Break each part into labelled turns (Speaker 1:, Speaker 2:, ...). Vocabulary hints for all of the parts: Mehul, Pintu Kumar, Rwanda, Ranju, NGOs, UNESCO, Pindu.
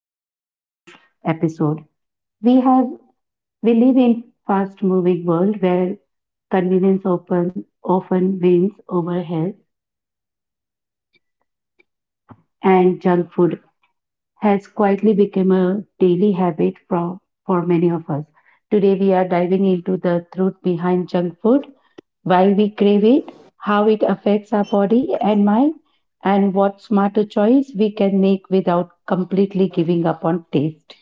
Speaker 1: welcome to today's episode. We have we live in fast moving world where convenience often wins over health, and junk food has quietly become a daily habit for many of us. Today we are diving into the truth behind junk food, why we crave it, how it affects our body and mind, and what smarter choice we can make without completely giving up on taste.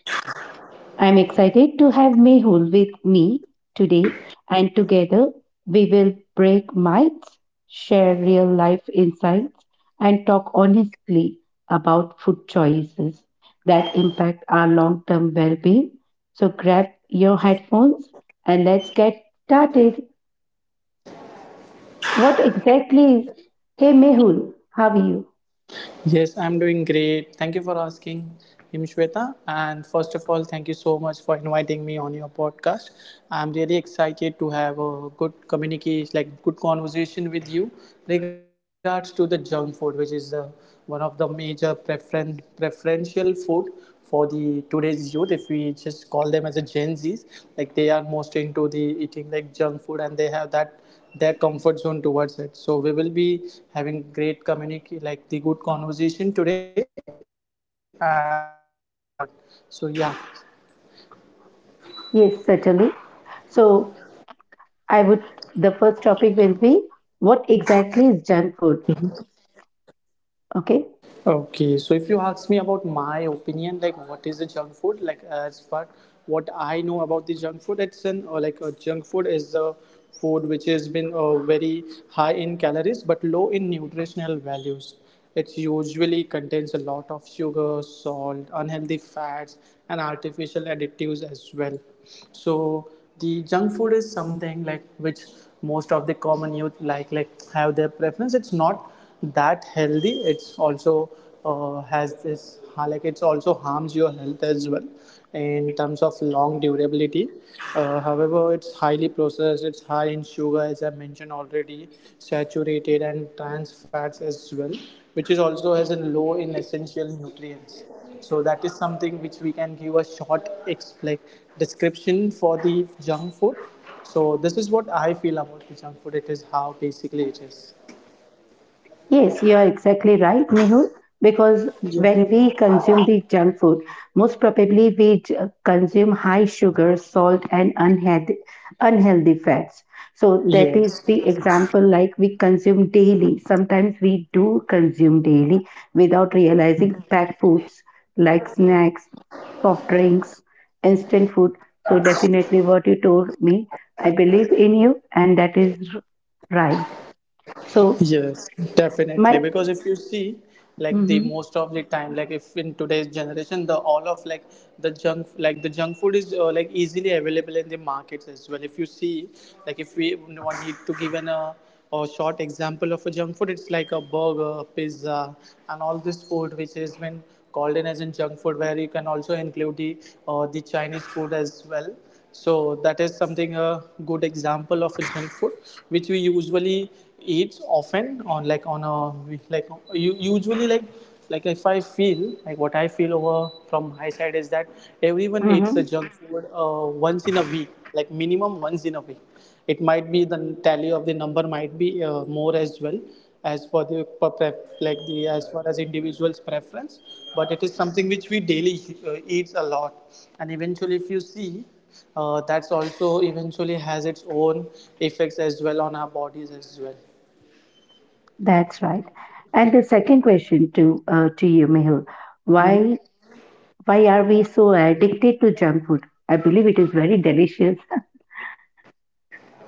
Speaker 1: I'm excited to have Mehul with me today, and together we will break myths, share real life insights, and talk honestly about food choices that impact our long term well being. So grab your headphones and let's get started. What exactly is? Hey Mehul, how are you?
Speaker 2: Yes, I'm doing great. Thank you for asking him, Shweta. And first of all, thank you so much for inviting me on your podcast. I'm really excited to have a good communication, like good conversation with you regards to the junk food, which is one of the major preferential food for the today's youth. If we just call them as a Gen Zs, like they are most into the eating like junk food, and they have that their comfort zone towards it, so we will be having great communic like the good conversation today and looking forward, so yeah.
Speaker 1: Yes, certainly. So I would the first topic will be, what exactly is junk food? Okay.
Speaker 2: Okay, so if you ask me about my opinion, like what is a junk food, like as far what I know about the junk food, it's an or like a junk food is a food which has been very high in calories but low in nutritional values. It usually contains a lot of sugar, salt, unhealthy fats, and artificial additives as well. So the junk food is something like which most of the common youth like have their preference. It's not that healthy, it's also has this, like it's also harms your health as well in terms of long durability. However it's highly processed, it's high in sugar, as I mentioned already, saturated and trans fats as well, which is also has a low in essential nutrients. So that is something which we can give a short description for the junk food. So this is what I feel about the junk food, it is how basically it is.
Speaker 1: Yes, you are exactly right, Mehul, because when we consume the junk food, most probably we consume high sugar, salt, and unhealthy fats. So that is
Speaker 2: Yes,
Speaker 1: the example like we consume daily. Sometimes we do consume daily without realizing packed foods like snacks, soft drinks, instant food. So definitely what you told me, I believe in you, and that is right. So
Speaker 2: yes, definitely.
Speaker 1: my
Speaker 2: Because if you see, like the
Speaker 1: Mhm.
Speaker 2: most of the time, like if in today's generation, the all of like the junk food is like easily available in the markets as well. If you see, like if we no one need to give an a or short example of a junk food, it's like a burger, pizza, and all this food which has been called in as in junk food, where you can also include the Chinese food as well. So that is something a good example of a junk food, which we usually eat often on like on a like you usually like if I feel like what I feel over from my side is that everyone eats
Speaker 1: Hmm.
Speaker 2: the junk food once in a week, like minimum once in a week. It might be the tally of the number might be more as well, as for the like the as far as individuals preference, but it is something which we daily eats a lot. And eventually if you see, that's also eventually has its own effects as well on our bodies as well.
Speaker 1: That's right. And the second question to you, Mehul, why why are we so addicted to junk food? I believe it is very delicious.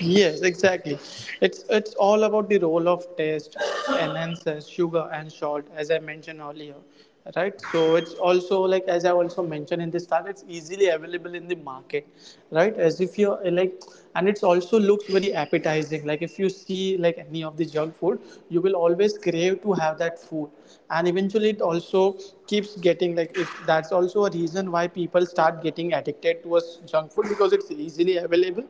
Speaker 2: Yes, exactly. It's all about the role of taste, enhancers, sugar, and salt, as I mentioned earlier, right? So it's also, like as I also mentioned in the start, it's easily available in the market, right? As if you're and it's also looks very appetizing. Like if you see like any of the junk food, you will always crave to have that food, and eventually it also keeps getting like, if that's also a reason why people start getting addicted to towards junk food because it's easily available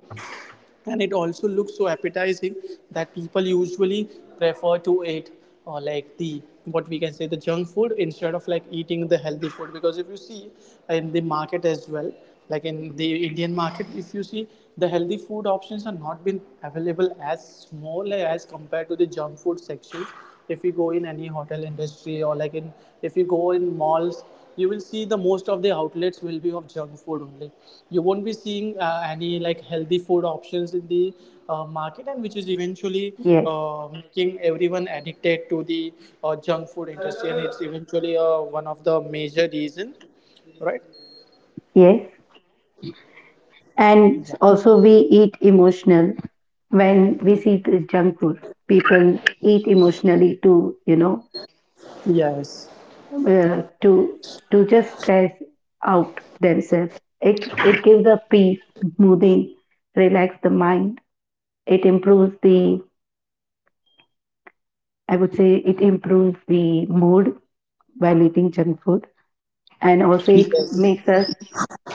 Speaker 2: and it also looks so appetizing that people usually prefer to eat or like, the what we can say the junk food instead of like eating the healthy food. Because if you see in the market as well, like in the Indian market, if you see the healthy food options are not been available as small as compared to the junk food sections. If you go in any hotel industry or like in, if you go in malls, you will see the most of the outlets will be of junk food only. You won't be seeing any like healthy food options in the market, and which is eventually
Speaker 1: Yes,
Speaker 2: making everyone addicted to the junk food industry, and it's eventually one of the major reason, right?
Speaker 1: yes. And
Speaker 2: yeah
Speaker 1: also we eat emotional when we see the junk food. People eat emotionally to, you know,
Speaker 2: yes
Speaker 1: uh, to to just stress out themselves. It gives a peace, smoothing, relax the mind. It improves the I would say it improves the mood while eating junk food, and also it
Speaker 2: yes
Speaker 1: makes us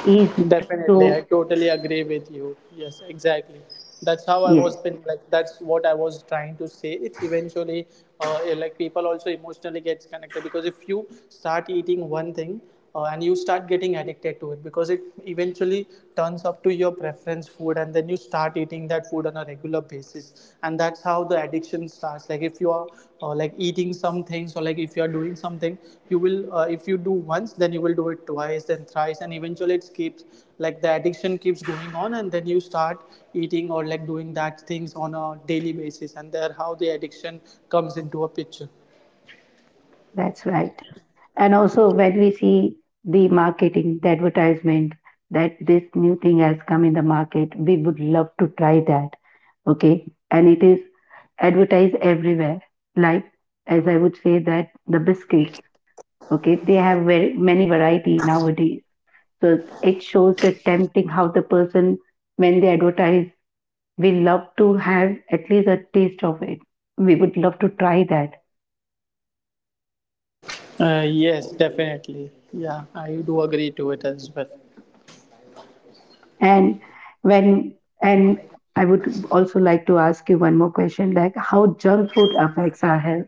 Speaker 1: ease to.
Speaker 2: definitely, I totally agree with you. Yes, exactly. That's how I
Speaker 1: Yes,
Speaker 2: was been like. That's what I was trying to say. It eventually, like people also emotionally gets connected, because if you start eating one thing and you start getting addicted to it, because it eventually turns up to your preference food and then you start eating that food on a regular basis. And that's how the addiction starts. Like if you are like eating some things or like if you are doing something, you will if you do once then you will do it twice then thrice, and eventually it keeps like the addiction keeps going on and then you start eating or like doing that things on a daily basis, and there how the addiction comes into a picture.
Speaker 1: that's right. And also when we see the marketing, the advertisement that this new thing has come in the market, we would love to try that. Okay, and it is advertised everywhere. Like, as I would say that the biscuits, okay, they have very many variety nowadays. So it shows the tempting how the person when they advertise, we love to have at least a taste of it. We would love to try that.
Speaker 2: Yes, definitely. Yeah, I do agree to it as well.
Speaker 1: And when and I would also like to ask you one more question, like how junk food affects our health.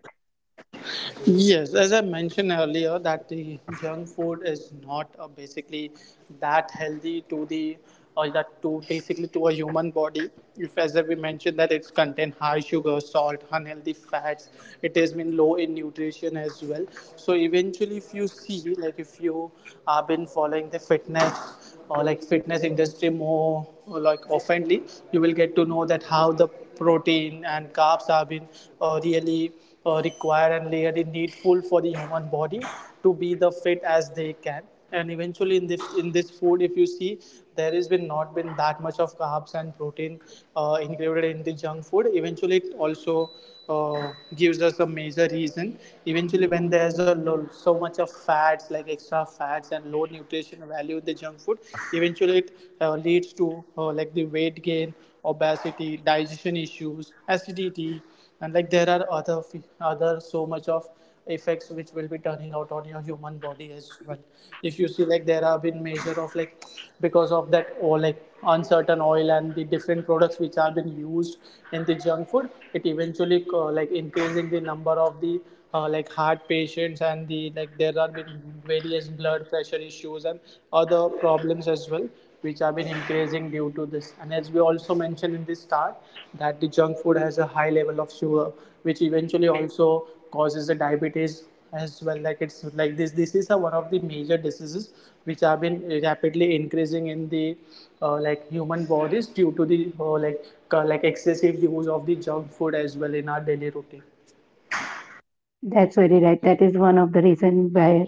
Speaker 2: Yes, as I mentioned earlier, that the junk food is not basically that healthy to the or that to basically to a human body. If as we mentioned that it's contain high sugar, salt, unhealthy fats, it has been low in nutrition as well. So eventually, if you see like if you have been following the fitness or like fitness industry more like oftenly, you will get to know that how the protein and carbs have been really required and really needful for the human body to be the fit as they can. And eventually in this food if you see, there has been not been that much of carbs and protein included in the junk food. Eventually it also gives us a major reason. Eventually when there's a so much of fats like extra of fats and low nutrition value in the junk food, eventually it leads to like the weight gain, obesity, digestion issues, acidity, and like there are other so much of effects which will be turning out on your human body as well. If you see like there have been measure of like, because of that or like uncertain oil and the different products which have been used in the junk food, it eventually like increasing the number of the like heart patients and the like there are been various blood pressure issues and other problems as well which have been increasing due to this. And as we also mentioned in the start, that the junk food has a high level of sugar, which eventually also causes the diabetes as well. Like it's like this is a, one of the major diseases which have been rapidly increasing in the like human bodies due to the like excessive use of the junk food as well in our daily routine.
Speaker 1: That's very right. That is one of the reasons where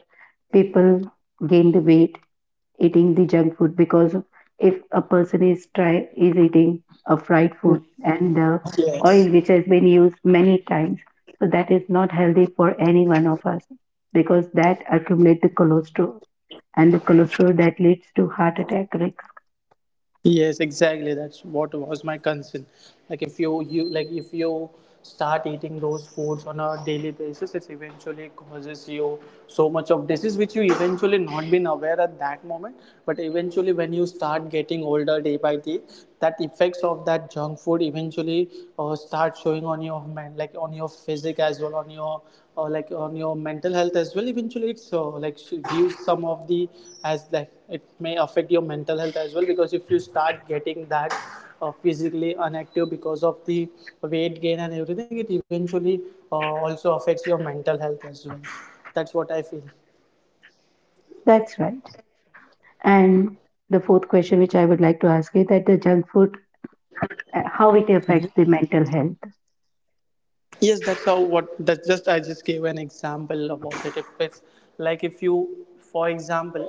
Speaker 1: people gain the weight eating the junk food, because if a person is try is eating a fried food and the
Speaker 2: Yes.
Speaker 1: oil which has been used many times, so that is not healthy for any one of us because that accumulates the cholesterol, and the cholesterol that leads to heart attack risk.
Speaker 2: Yes, exactly. That's what was my concern. Like if you, you like if you start eating those foods on a daily basis, it eventually causes you so much of disease which you eventually not been aware at that moment. But eventually when you start getting older day by day, that effects of that junk food eventually start showing on your men, like on your physique as well, on your or like on your mental health as well. Eventually, it's like should use some of the as like it may affect your mental health as well, because if you start getting that physically inactive because of the weight gain and everything, it eventually uh, also affects your mental health as well. That's what I feel.
Speaker 1: That's right. And the fourth question which I would like to ask you, that the junk food, how it affects the mental health.
Speaker 2: Yes, that's how what that's just I just gave an example about it. If it's, like, if you, for example,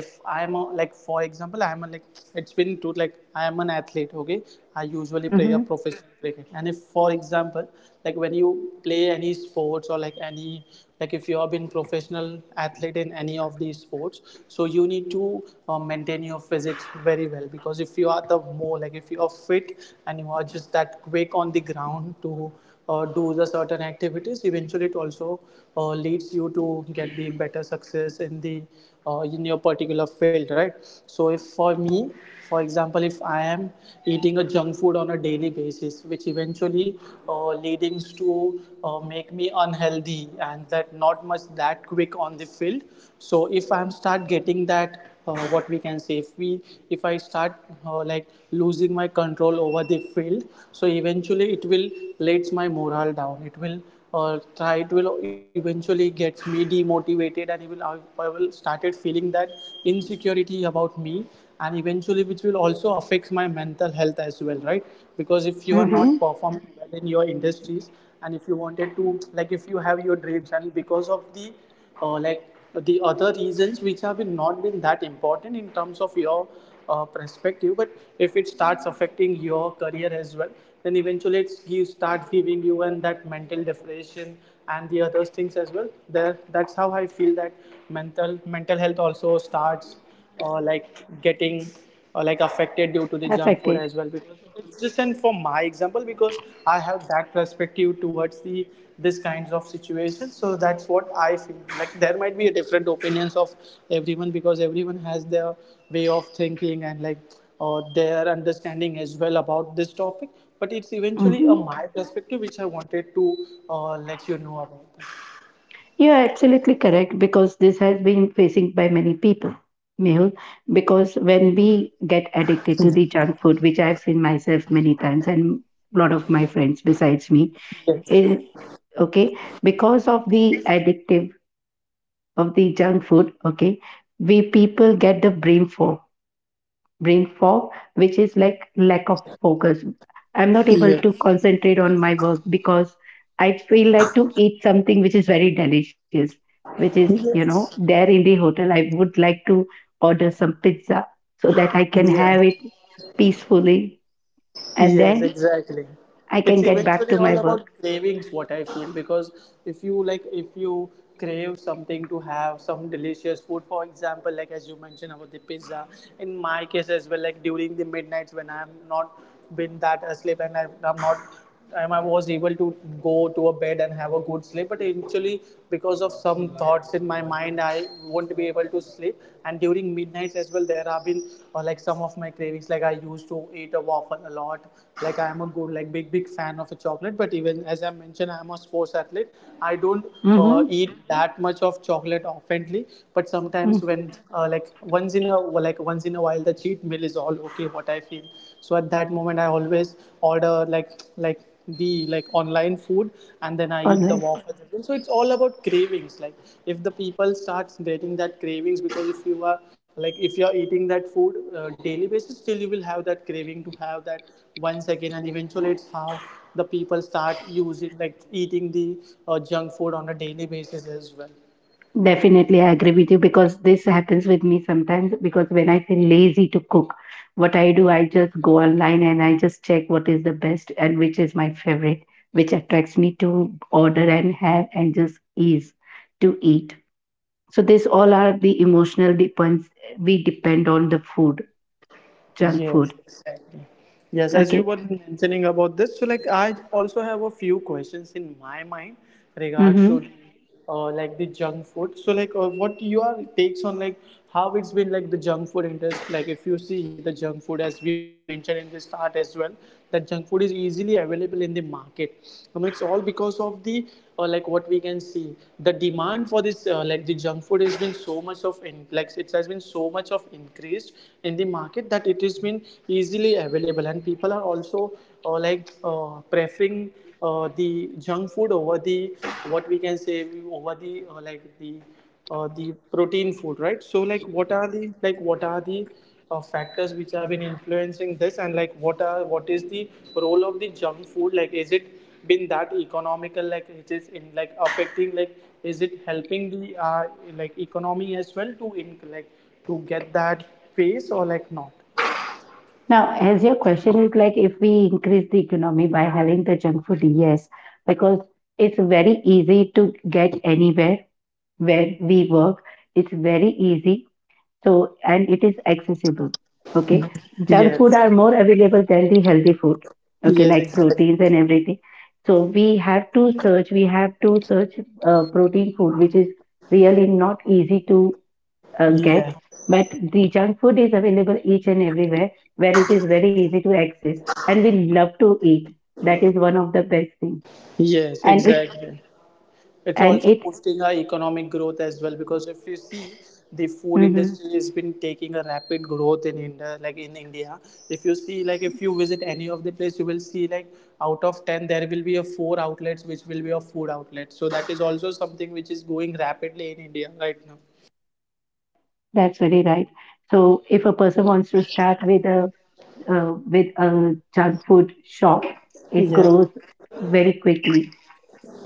Speaker 2: if I'm a, like, for example, I'm a, like, it's been to, like, I am an athlete. Okay. I usually play a
Speaker 1: Hmm.
Speaker 2: professional cricket. And if, for example, like when you play any sports, or like any, like, if you have been professional athlete in any of these sports, so you need to maintain your physics very well. Because if you are the more, like, if you are fit and you are just that quick on the ground to do the certain activities, eventually it also leads you to get the better success in the, in your particular field, right? So if for me, for example, if I am eating a junk food on a daily basis, which eventually leadings to make me unhealthy and that not much that quick on the field. So if I'm start getting that, what we can say, if we, if I start like losing my control over the field, so eventually it will let my morale down, it will, or try, it will eventually get me demotivated, and it will, I will started feeling that insecurity about me. And eventually which will also affect my mental health as well, right? Because if you are not
Speaker 1: Hmm.
Speaker 2: performing well in your industries, and if you wanted to, like, if you have your dreams, and because of the, or like, the other reasons which have been not been that important in terms of your perspective, but if it starts affecting your career as well, then eventually it gives start giving you and that mental depression and the other things as well there. That's how I feel that mental health also starts, or like, getting, or like, affected due to the junk food
Speaker 1: Affected.
Speaker 2: as well. Because it's just, and for my example, because I have that perspective towards the this kinds of situations, so that's what I feel. Like, there might be a different opinions of everyone, because everyone has their way of thinking and, like, or their understanding as well about this topic. But it's eventually a
Speaker 1: Hmm
Speaker 2: my perspective which I wanted to let you know about.
Speaker 1: are absolutely correct because this has been facing by many people, Mehul, because when we get addicted to the junk food, which I've seen myself many times, and a lot of my friends besides me,
Speaker 2: Yes.
Speaker 1: eh, okay, because of the addictive of the junk food, okay, we people get the brain fog, brain fog, which is like lack of focus. I'm not able
Speaker 2: Yes.
Speaker 1: to concentrate on my work because I feel like to eat something which is very delicious, which is, you know,
Speaker 2: Yes.
Speaker 1: there in the hotel I would like to order some pizza so that I can
Speaker 2: Yeah.
Speaker 1: have it peacefully, and
Speaker 2: Yes,
Speaker 1: then
Speaker 2: exactly.
Speaker 1: I can
Speaker 2: It's
Speaker 1: get back
Speaker 2: eventually
Speaker 1: to my
Speaker 2: all
Speaker 1: work.
Speaker 2: about cravings, what I feel, because if you like, if you crave something to have some delicious food, for example, like as you mentioned about the pizza, in my case as well, like during the midnights when I'm not been that asleep and I- I'm not and I was able to go to a bed and have a good sleep. But eventually, because of some thoughts in my mind, I won't be able to sleep. And during midnights as well, there have been like some of my cravings. Like I used to eat a waffle a lot. Like I am a good, like big, big fan of a chocolate. But even as I mentioned, I am a sports athlete. I don't
Speaker 1: Mm-hmm.
Speaker 2: eat that much of chocolate oftenly. But sometimes
Speaker 1: Mm-hmm.
Speaker 2: when like once in a while, the well the cheat meal is all okay, what I feel. So at that moment I always order, like the, like, online food, and then I eat the
Speaker 1: Online.
Speaker 2: waffles as well. So it's all about cravings. Like, if the people starts getting that cravings, because if you are, like, if you're eating that food daily basis, still you will have that craving to have that once again, and eventually it's how the people start using, like, eating the junk food on a daily basis as well.
Speaker 1: Definitely, I agree with you because this happens with me sometimes. Because when I feel lazy to cook, what I do, I just go online and I just check what is the best and which is my favorite, which attracts me to order and have and just ease to eat. So, these all are the emotional depends, we depend on the food, junk food.
Speaker 2: Yes, exactly. Yes, as you
Speaker 1: Okay.
Speaker 2: were mentioning about this, so like I also have a few questions in my mind regards
Speaker 1: Mm-hmm.
Speaker 2: to the, like the junk food. So like, what your takes on, like, how it's been, like, the junk food industry? Like, if you see the junk food, as we mentioned in the start as well, that junk food is easily available in the market. I mean, it's all because of the, like what we can see, the demand for this, like the junk food has been so much of in, like, it has been so much of increased in the market that but it has been easily available, and people are also preferring the junk food over the, what we can say, over the the protein food, right? So, like, what are the factors which have been influencing this? And, like, what is the role of the junk food? Like, is it been that economical, like it is in, like, affecting, like, is it helping the uh, like economy as well to, in, like, to get that pace, or like not?
Speaker 1: Now, as your question is like if we increase the economy by having the junk food, yes, because it's very easy to get anywhere where we work. It's very easy, so, and it is accessible. Okay, junk food
Speaker 2: Yes.
Speaker 1: are more available than the healthy food. Okay,
Speaker 2: Yes,
Speaker 1: like
Speaker 2: exactly.
Speaker 1: proteins and everything. So we have to search. We have to search protein food, which is really not easy to get.
Speaker 2: Yeah.
Speaker 1: But the junk food is available each and everywhere, where it is very easy to access, and we love to eat. That is one of the best things,
Speaker 2: Yes,
Speaker 1: and it
Speaker 2: exactly. It's
Speaker 1: and
Speaker 2: also
Speaker 1: it.
Speaker 2: boosting our economic growth as well because if you see the food
Speaker 1: Mhm.
Speaker 2: industry has been taking a rapid growth in India, like in India. If you see, like if you visit any of the place, you will see, like, out of 10 there will be a four outlets which will be a food outlet. So that is also something which is going rapidly in India right now.
Speaker 1: That's very right. So if a person wants to start with a junk food shop, it
Speaker 2: Yeah.
Speaker 1: grows very quickly.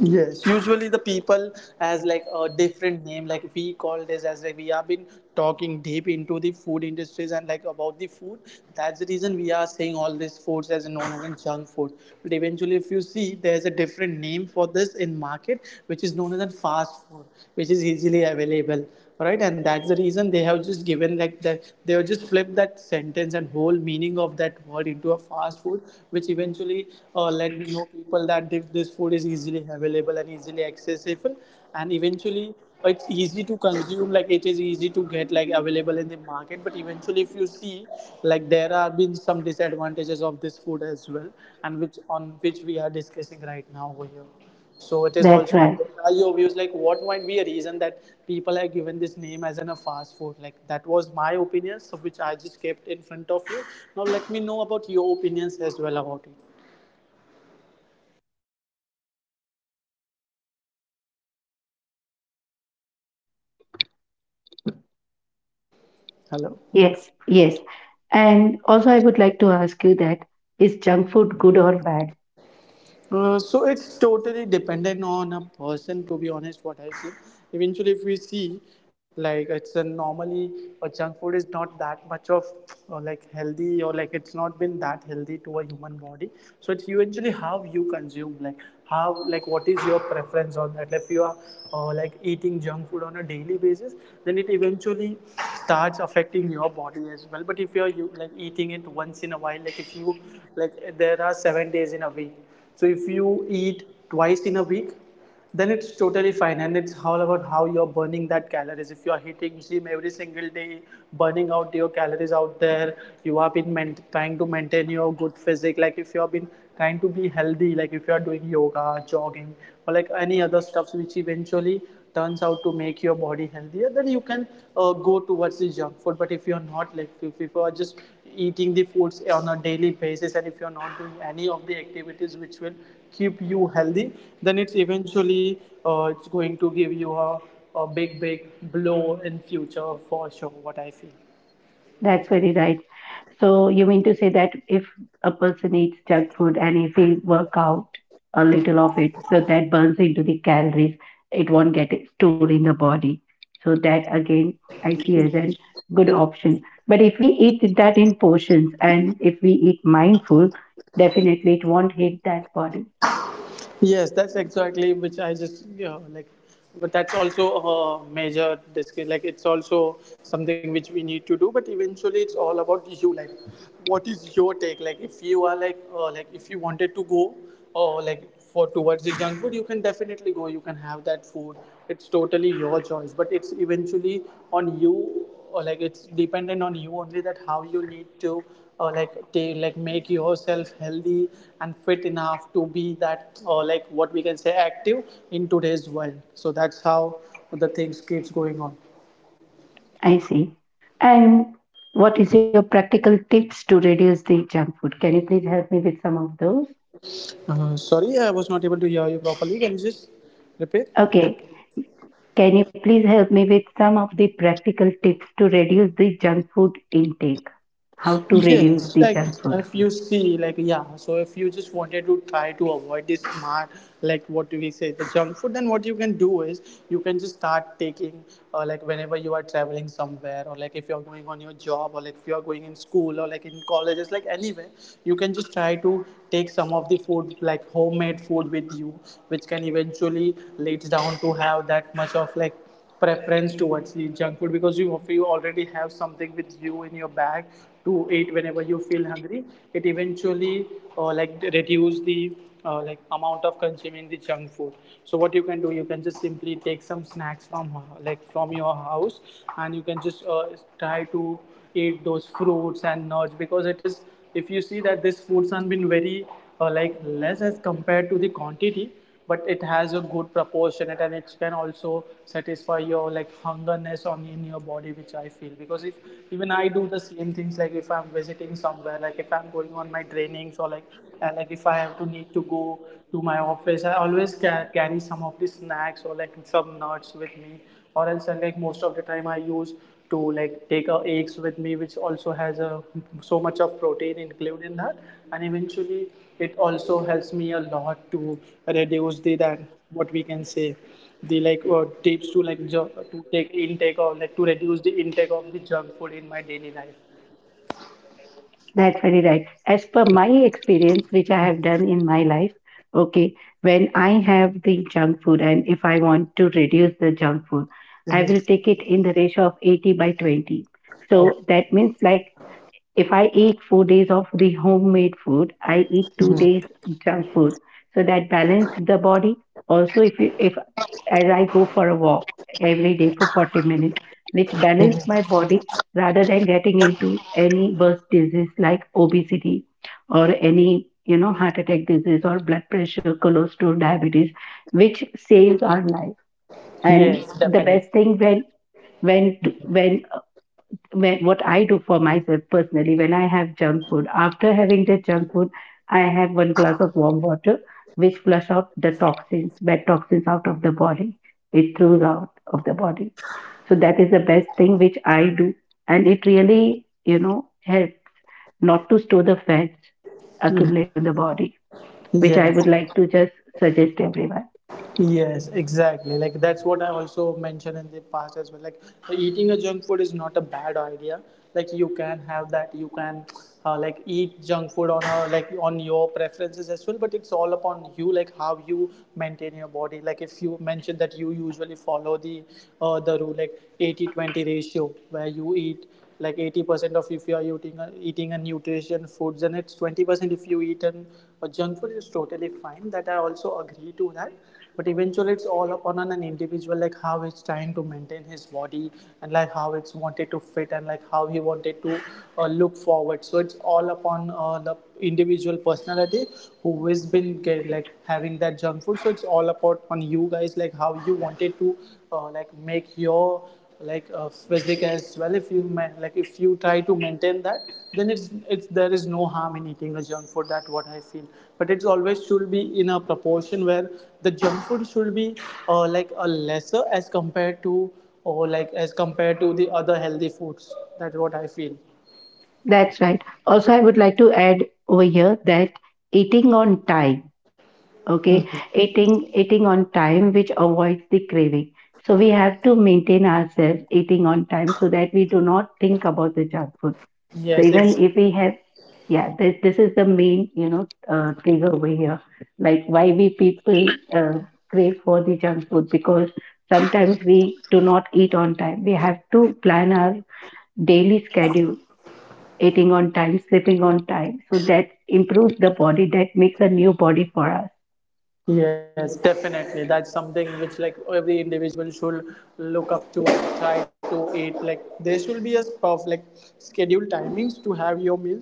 Speaker 2: Yes, usually the people has, like, a different name. Like we call this as, like, we have been talking deep into the food industries and, like, about the food. That's the reason we are saying all these foods as known as in junk food. But eventually, if you see, there's a different name for this in market, which is known as in fast food, which is easily available, right? And that's the reason they have just given, like, that they have just flipped that sentence and whole meaning of that word into a fast food, which eventually let me know people that if this food is easily available and easily accessible, and eventually it's easy to consume, like it is easy to get, like, available in the market. But eventually, if you see, like, there are been some disadvantages of this food as well, and which on which we are discussing right now over here. So it is
Speaker 1: That's
Speaker 2: also,
Speaker 1: right.
Speaker 2: what are your views, like what might be a reason that people have given this name as in a fast food? Like, that was my opinions which I just kept in front of you. Now let me know about your opinions as well about it.
Speaker 1: Hello.
Speaker 2: Hello.
Speaker 1: Yes. Yes. And also, I would like to ask you that, is junk food good or bad?
Speaker 2: So it's totally dependent on a person, to be honest, what I feel. Eventually, if we see, like, it's a normally a junk food is not that much of like healthy, or like it's not been that healthy to a human body. So it's eventually how you consume, like how, like what is your preference on that? Like, if you are like eating junk food on a daily basis, then it eventually starts affecting your body as well. But if you're, you like eating it once in a while, like if you, like, there are 7 days in a week, so if you eat twice in a week, then it's totally fine. And it's all about how you're burning that calories. If you are hitting gym every single day, burning out your calories out there, you have been trying to maintain your good physique, like if you have been trying to be healthy, like if you are doing yoga, jogging, or like any other stuffs which eventually turns out to make your body healthier, then you can go towards the junk food. But if you're not, like, if you are just eating the foods on a daily basis, and if you're not doing any of the activities which will keep you healthy, then it's eventually, it's going to give you a big big blow in future for sure, what I feel.
Speaker 1: That's very right. So you mean to say that if a person eats junk food and if he work out a little of it, so that burns into the calories, it won't get stored in the body. So that again, I see as a good option. But if we eat that in portions and if we eat mindful, definitely it won't hit that body.
Speaker 2: Yes, that's exactly which I just like, but that's also a major disc. Like, it's also something which we need to do. But eventually, it's all about you. Like, what is your take? Like, if you are, like if you wanted to go, or like for towards the junk food, you can definitely go. You can have that food. It's totally your choice. But it's eventually on you, or like it's dependent on you only that how you need to, or like they like make yourself healthy and fit enough to be that, or like what we can say active in today's world. So that's how the things keeps going on.
Speaker 1: I see. And what is your practical tips to reduce the junk food? Can you please help me with some of those?
Speaker 2: Sorry, I was not able to hear you properly. Can you just repeat?
Speaker 1: Okay, can you please help me with some of the practical tips to reduce the junk food intake? How to reduce
Speaker 2: Yes,
Speaker 1: the
Speaker 2: like
Speaker 1: junk food?
Speaker 2: if you see, like, yeah, so if you just wanted to try to avoid this smart, like what do we say, the junk food, then what you can do is you can just start taking, like whenever you are traveling somewhere, or like if you're going on your job, or like if you're going in school, or like in colleges, like anywhere, you can just try to take some of the food, like homemade food with you, which can eventually leads down to have that much of like preference towards the junk food. Because you, if you already have something with you in your bag to eat whenever you feel hungry, it eventually like reduce the like amount of consuming the junk food. So what you can do, you can just simply take some snacks from, like from your house, and you can just try to eat those fruits and nuts, because it is, if you see that these foods have been very like less as compared to the quantity, but it has a good proportion, and it can also satisfy your, like, hungerness on in your body, which I feel. Because if even I do the same things, like if I'm visiting somewhere, like if I'm going on my trainings, or like, like if I have to need to go to my office, I always carry some of the snacks or like some nuts with me, or else like most of the time I use to like take eggs with me, which also has a so much of protein included in that. And eventually it also helps me a lot to reduce the that what we can say, the like tips to like to take intake or like to reduce the intake of the junk food in my daily life.
Speaker 1: That's very right. As per my experience, which I have done in my life, okay, when I have the junk food and if I want to reduce the junk food, I will take it in the ratio of 80 by 20.
Speaker 2: Oh,
Speaker 1: So that means like, if I eat 4 days of the homemade food, I eat 2 days junk food. So that balance the body. Also, if you, if as I go for a walk every day for 40 minutes, which balance my body rather than getting into any worse disease like obesity or any you know heart attack disease or blood pressure, cholesterol, diabetes, which saves our life.
Speaker 2: yes,
Speaker 1: And the
Speaker 2: definitely.
Speaker 1: best thing when to, when when what I do for myself personally when I have junk food. After having the junk food, I have one glass of warm water, which flush out the toxins, bad toxins out of the body. It throws out of the body. So that is the best thing which I do, and it really you know helps not to store the fats
Speaker 2: Mm,
Speaker 1: accumulate on the body, which I
Speaker 2: yes.
Speaker 1: would like to just suggest everyone.
Speaker 2: Yes, exactly. Like that's what I also mentioned in the past as well. Like eating a junk food is not a bad idea. Like you can have that. You can like eat junk food on a like on your preferences as well. But it's all upon you. Like how you maintain your body. Like if you mentioned that you usually follow the the rule like 80/20 ratio where you eat like 80% of if you are eating a nutrition foods, and it's 20% if you eat a junk food is totally fine, that I also agree to that. But eventually it's all upon an individual like how it's trying to maintain his body, and like how it's wanted to fit, and like how he wanted to look forward, so it's all upon the individual personality who has like having that junk food. So it's all about on you guys like how you wanted to like make your physique as well. If you like if you try to maintain that, then it's there is no harm in eating a junk food, that what I feel. But it's always should be in a proportion where the junk food should be like a lesser as compared to, or like as compared to the other healthy foods, that's what I feel.
Speaker 1: That's right. Also, I would like to add over here that eating on time, okay, eating on time, which avoids the craving. So we have to maintain ourselves eating on time so that we do not think about the junk food. So
Speaker 2: Yes,
Speaker 1: even
Speaker 2: it's.
Speaker 1: if we have, yeah, this is the main you know trigger over here, like why we people crave for the junk food, because sometimes we do not eat on time. We have to plan our daily schedule, eating on time, sleeping on time, so that improves the body, that makes a new body for us.
Speaker 2: Yes, definitely, that's something which like every individual should look up to and try to eat. Like there should be a s- of like scheduled timings to have your meals.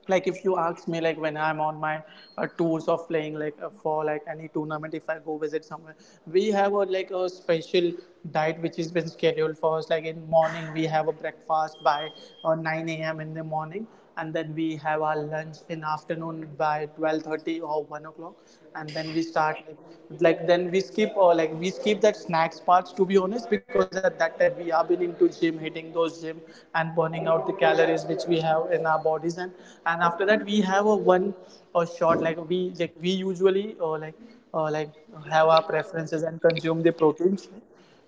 Speaker 2: Like if you ask me, like when I'm on my tours of playing like for like any tournament, if I go visit somewhere, we have a like a special diet which has been scheduled for us. Like in morning we have a breakfast by 9 a.m in the morning, and then we have our lunch in afternoon by 12:30 or 1 o'clock. And then we start like then we skip, or like we skip that snacks parts, to be honest, because at that time we have been into gym, hitting those gym and burning out the calories which we have in our bodies. And after that we have a one, a shot, like we usually like have our preferences and consume the protein shake.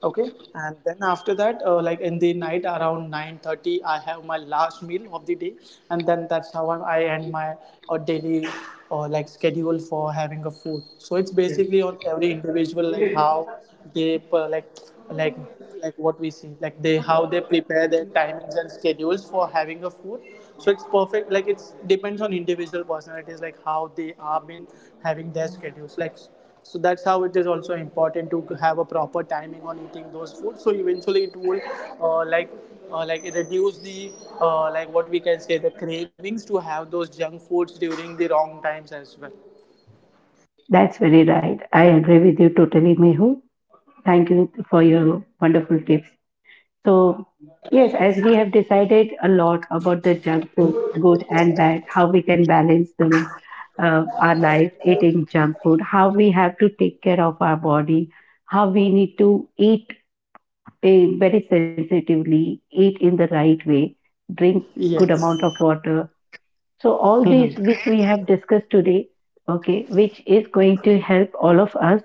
Speaker 2: Okay. And then after that like in the night around 9:30 I have my last meal of the day. And then that's how I end my daily like schedule for having a food. So it's basically on every individual like how they like what we see, like they how they prepare their timings and schedules for having a food. So it's perfect, like it's depends on individual personalities like how they are been having their schedules like. So that's how it is also important to have a proper timing on eating those foods, so eventually it will uh, like like it reduce the like what we can say the cravings to have those junk foods during the wrong times as well.
Speaker 1: That's very right. I agree with you totally, Mehu. Thank you for your wonderful tips. So, yes, as we have decided a lot about the junk food, good and bad, how we can balance our life eating junk food, how we have to take care of our body, how we need to eat eh, very sensitively, eat in the right way, drink good
Speaker 2: Yes.
Speaker 1: amount of water. So, all these which we have discussed today, okay, which is going to help all of us.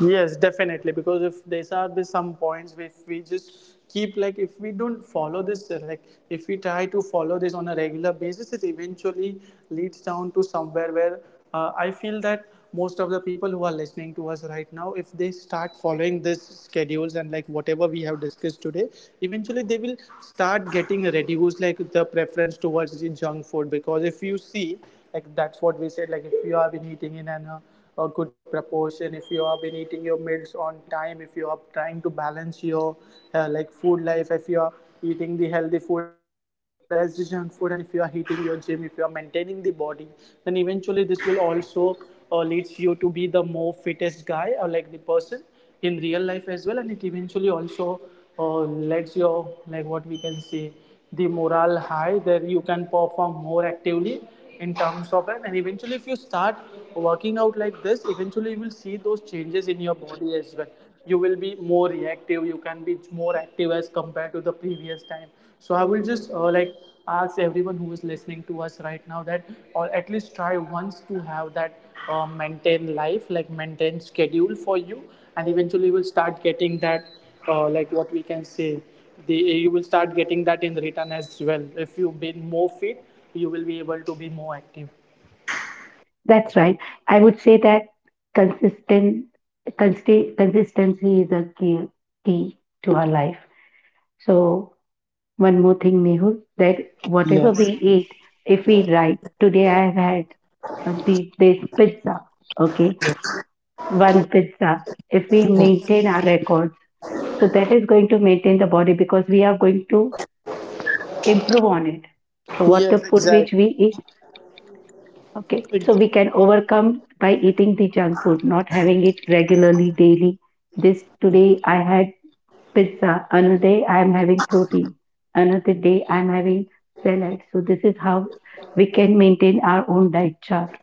Speaker 2: Yes, definitely. Because if these are the some points which we just keep, like if we don't follow this like if we try to follow this on a regular basis, it eventually leads down to somewhere where I feel that most of the people who are listening to us right now, if they start following this schedules and like whatever we have discussed today, eventually they will start getting reduced like the preference towards the junk food. Because if you see like that's what we said, like if you have been eating in an a good proportion, if you have been eating your meals on time, if you are trying to balance your like food life, if you are eating the healthy food as well as the junk food, and if you are hitting your gym, if you are maintaining the body, then eventually this will also leads you to be the more fittest guy or like the person in real life as well. And it eventually also uh, lets your like what we can say the morale high that you can perform more actively in terms of it. And eventually if you start working out like this, eventually you will see those changes in your body as well. You will be more reactive, you can be more active as compared to the previous time. So I will just like ask everyone who is listening to us right now that, or at least try once to have that maintain life, like maintain schedule for you, and eventually you will start getting that, like what we can say, the you will start getting that in return as well. If you be more fit, you will be able to be more active.
Speaker 1: That's right. I would say that consistent consistency is a key key to our life. So one more thing, Mehul, that whatever we
Speaker 2: Yes.
Speaker 1: eat, if we write today, I have had this pizza. Okay, one pizza. If we maintain our records, so that is going to maintain the body because we are going to improve on it. So what the
Speaker 2: Yes.
Speaker 1: food
Speaker 2: Exactly.
Speaker 1: which we eat. Okay, so we can overcome by eating the junk food, not having it regularly daily. This today I had pizza, another day I am having protein, another day I am having salad. So this is how we can maintain our own diet chart.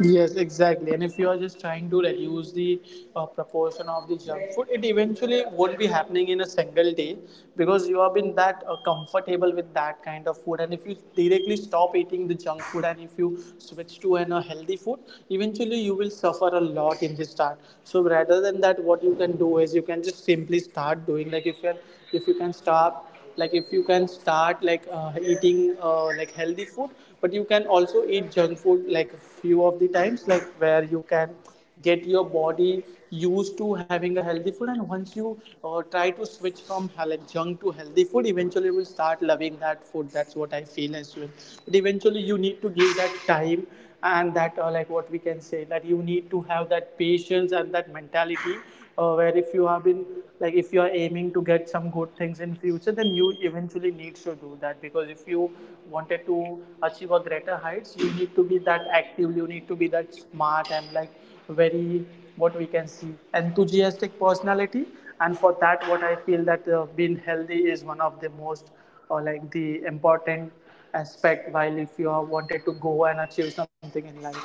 Speaker 2: Yes, exactly. And if you are just trying to reduce the proportion of the junk food, it eventually won't be happening in a single day, because you have been that comfortable with that kind of food. And if you directly stop eating the junk food and if you switch to a healthy food, eventually you will suffer a lot in the start. So rather than that, what you can do is you can just simply start doing, like if you can start like if you can start like eating like healthy food, but you can also eat junk food like a few of the times, like where you can get your body used to having a healthy food. And once you try to switch from like junk to healthy food, eventually you will start loving that food, that's what I feel as well. But eventually you need to give that time, and that like what we can say, that you need to have that patience and that mentality where if you have been like if you are aiming to get some good things in future, then you eventually need to do that. Because if you wanted to achieve a greater heights, you need to be that active, you need to be that smart and like very what we can see enthusiastic personality. And for that, what I feel that being healthy is one of the most, or like the important aspect while if you are wanted to go and achieve something in life.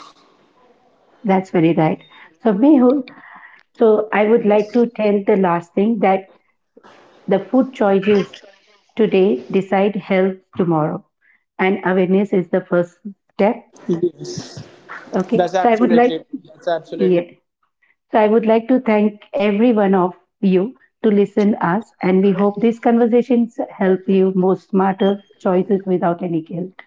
Speaker 1: That's very right. So Mehul, so I would like
Speaker 2: Yes.
Speaker 1: to tell the last thing that the food choices today decide health tomorrow, and awareness is the first step.
Speaker 2: Yes.
Speaker 1: Okay,
Speaker 2: That's
Speaker 1: so I would
Speaker 2: absolutely true.
Speaker 1: like,
Speaker 2: That's absolutely.
Speaker 1: yes. So I would like to thank every one of you to listen us, and we hope these conversations help you make smarter choices without any guilt.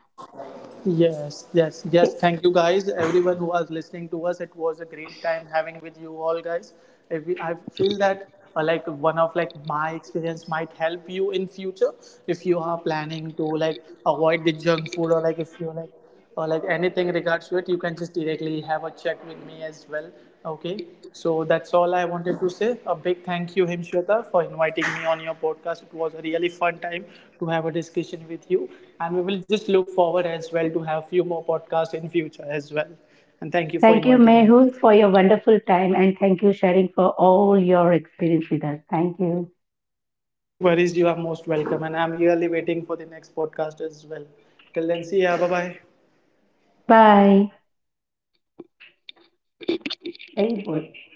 Speaker 2: Yes, yes, yes.
Speaker 1: Okay.
Speaker 2: Thank you, guys. Everyone who was listening to us, it was a great time having with you all, guys. If we, I feel that like one of like my experience might help you in future, if you are planning to like avoid the junk food, or like if you like or like anything regards to it, you can just directly have a chat with me as well. Okay. So that's all I wanted to say. A big thank you, Himshweta, for inviting me on your podcast. It was a really fun time to have a discussion with you, and we will just look forward as well to have few more podcasts in future as well. And thank you for
Speaker 1: Thank you
Speaker 2: inviting me.
Speaker 1: Mehul for your wonderful time and thank you sharing for all your experience with us. Thank you.
Speaker 2: No worries, you are most welcome, and I'm really waiting for the next podcast as well. Till then, see ya. Bye bye.
Speaker 1: Bye. Thank you.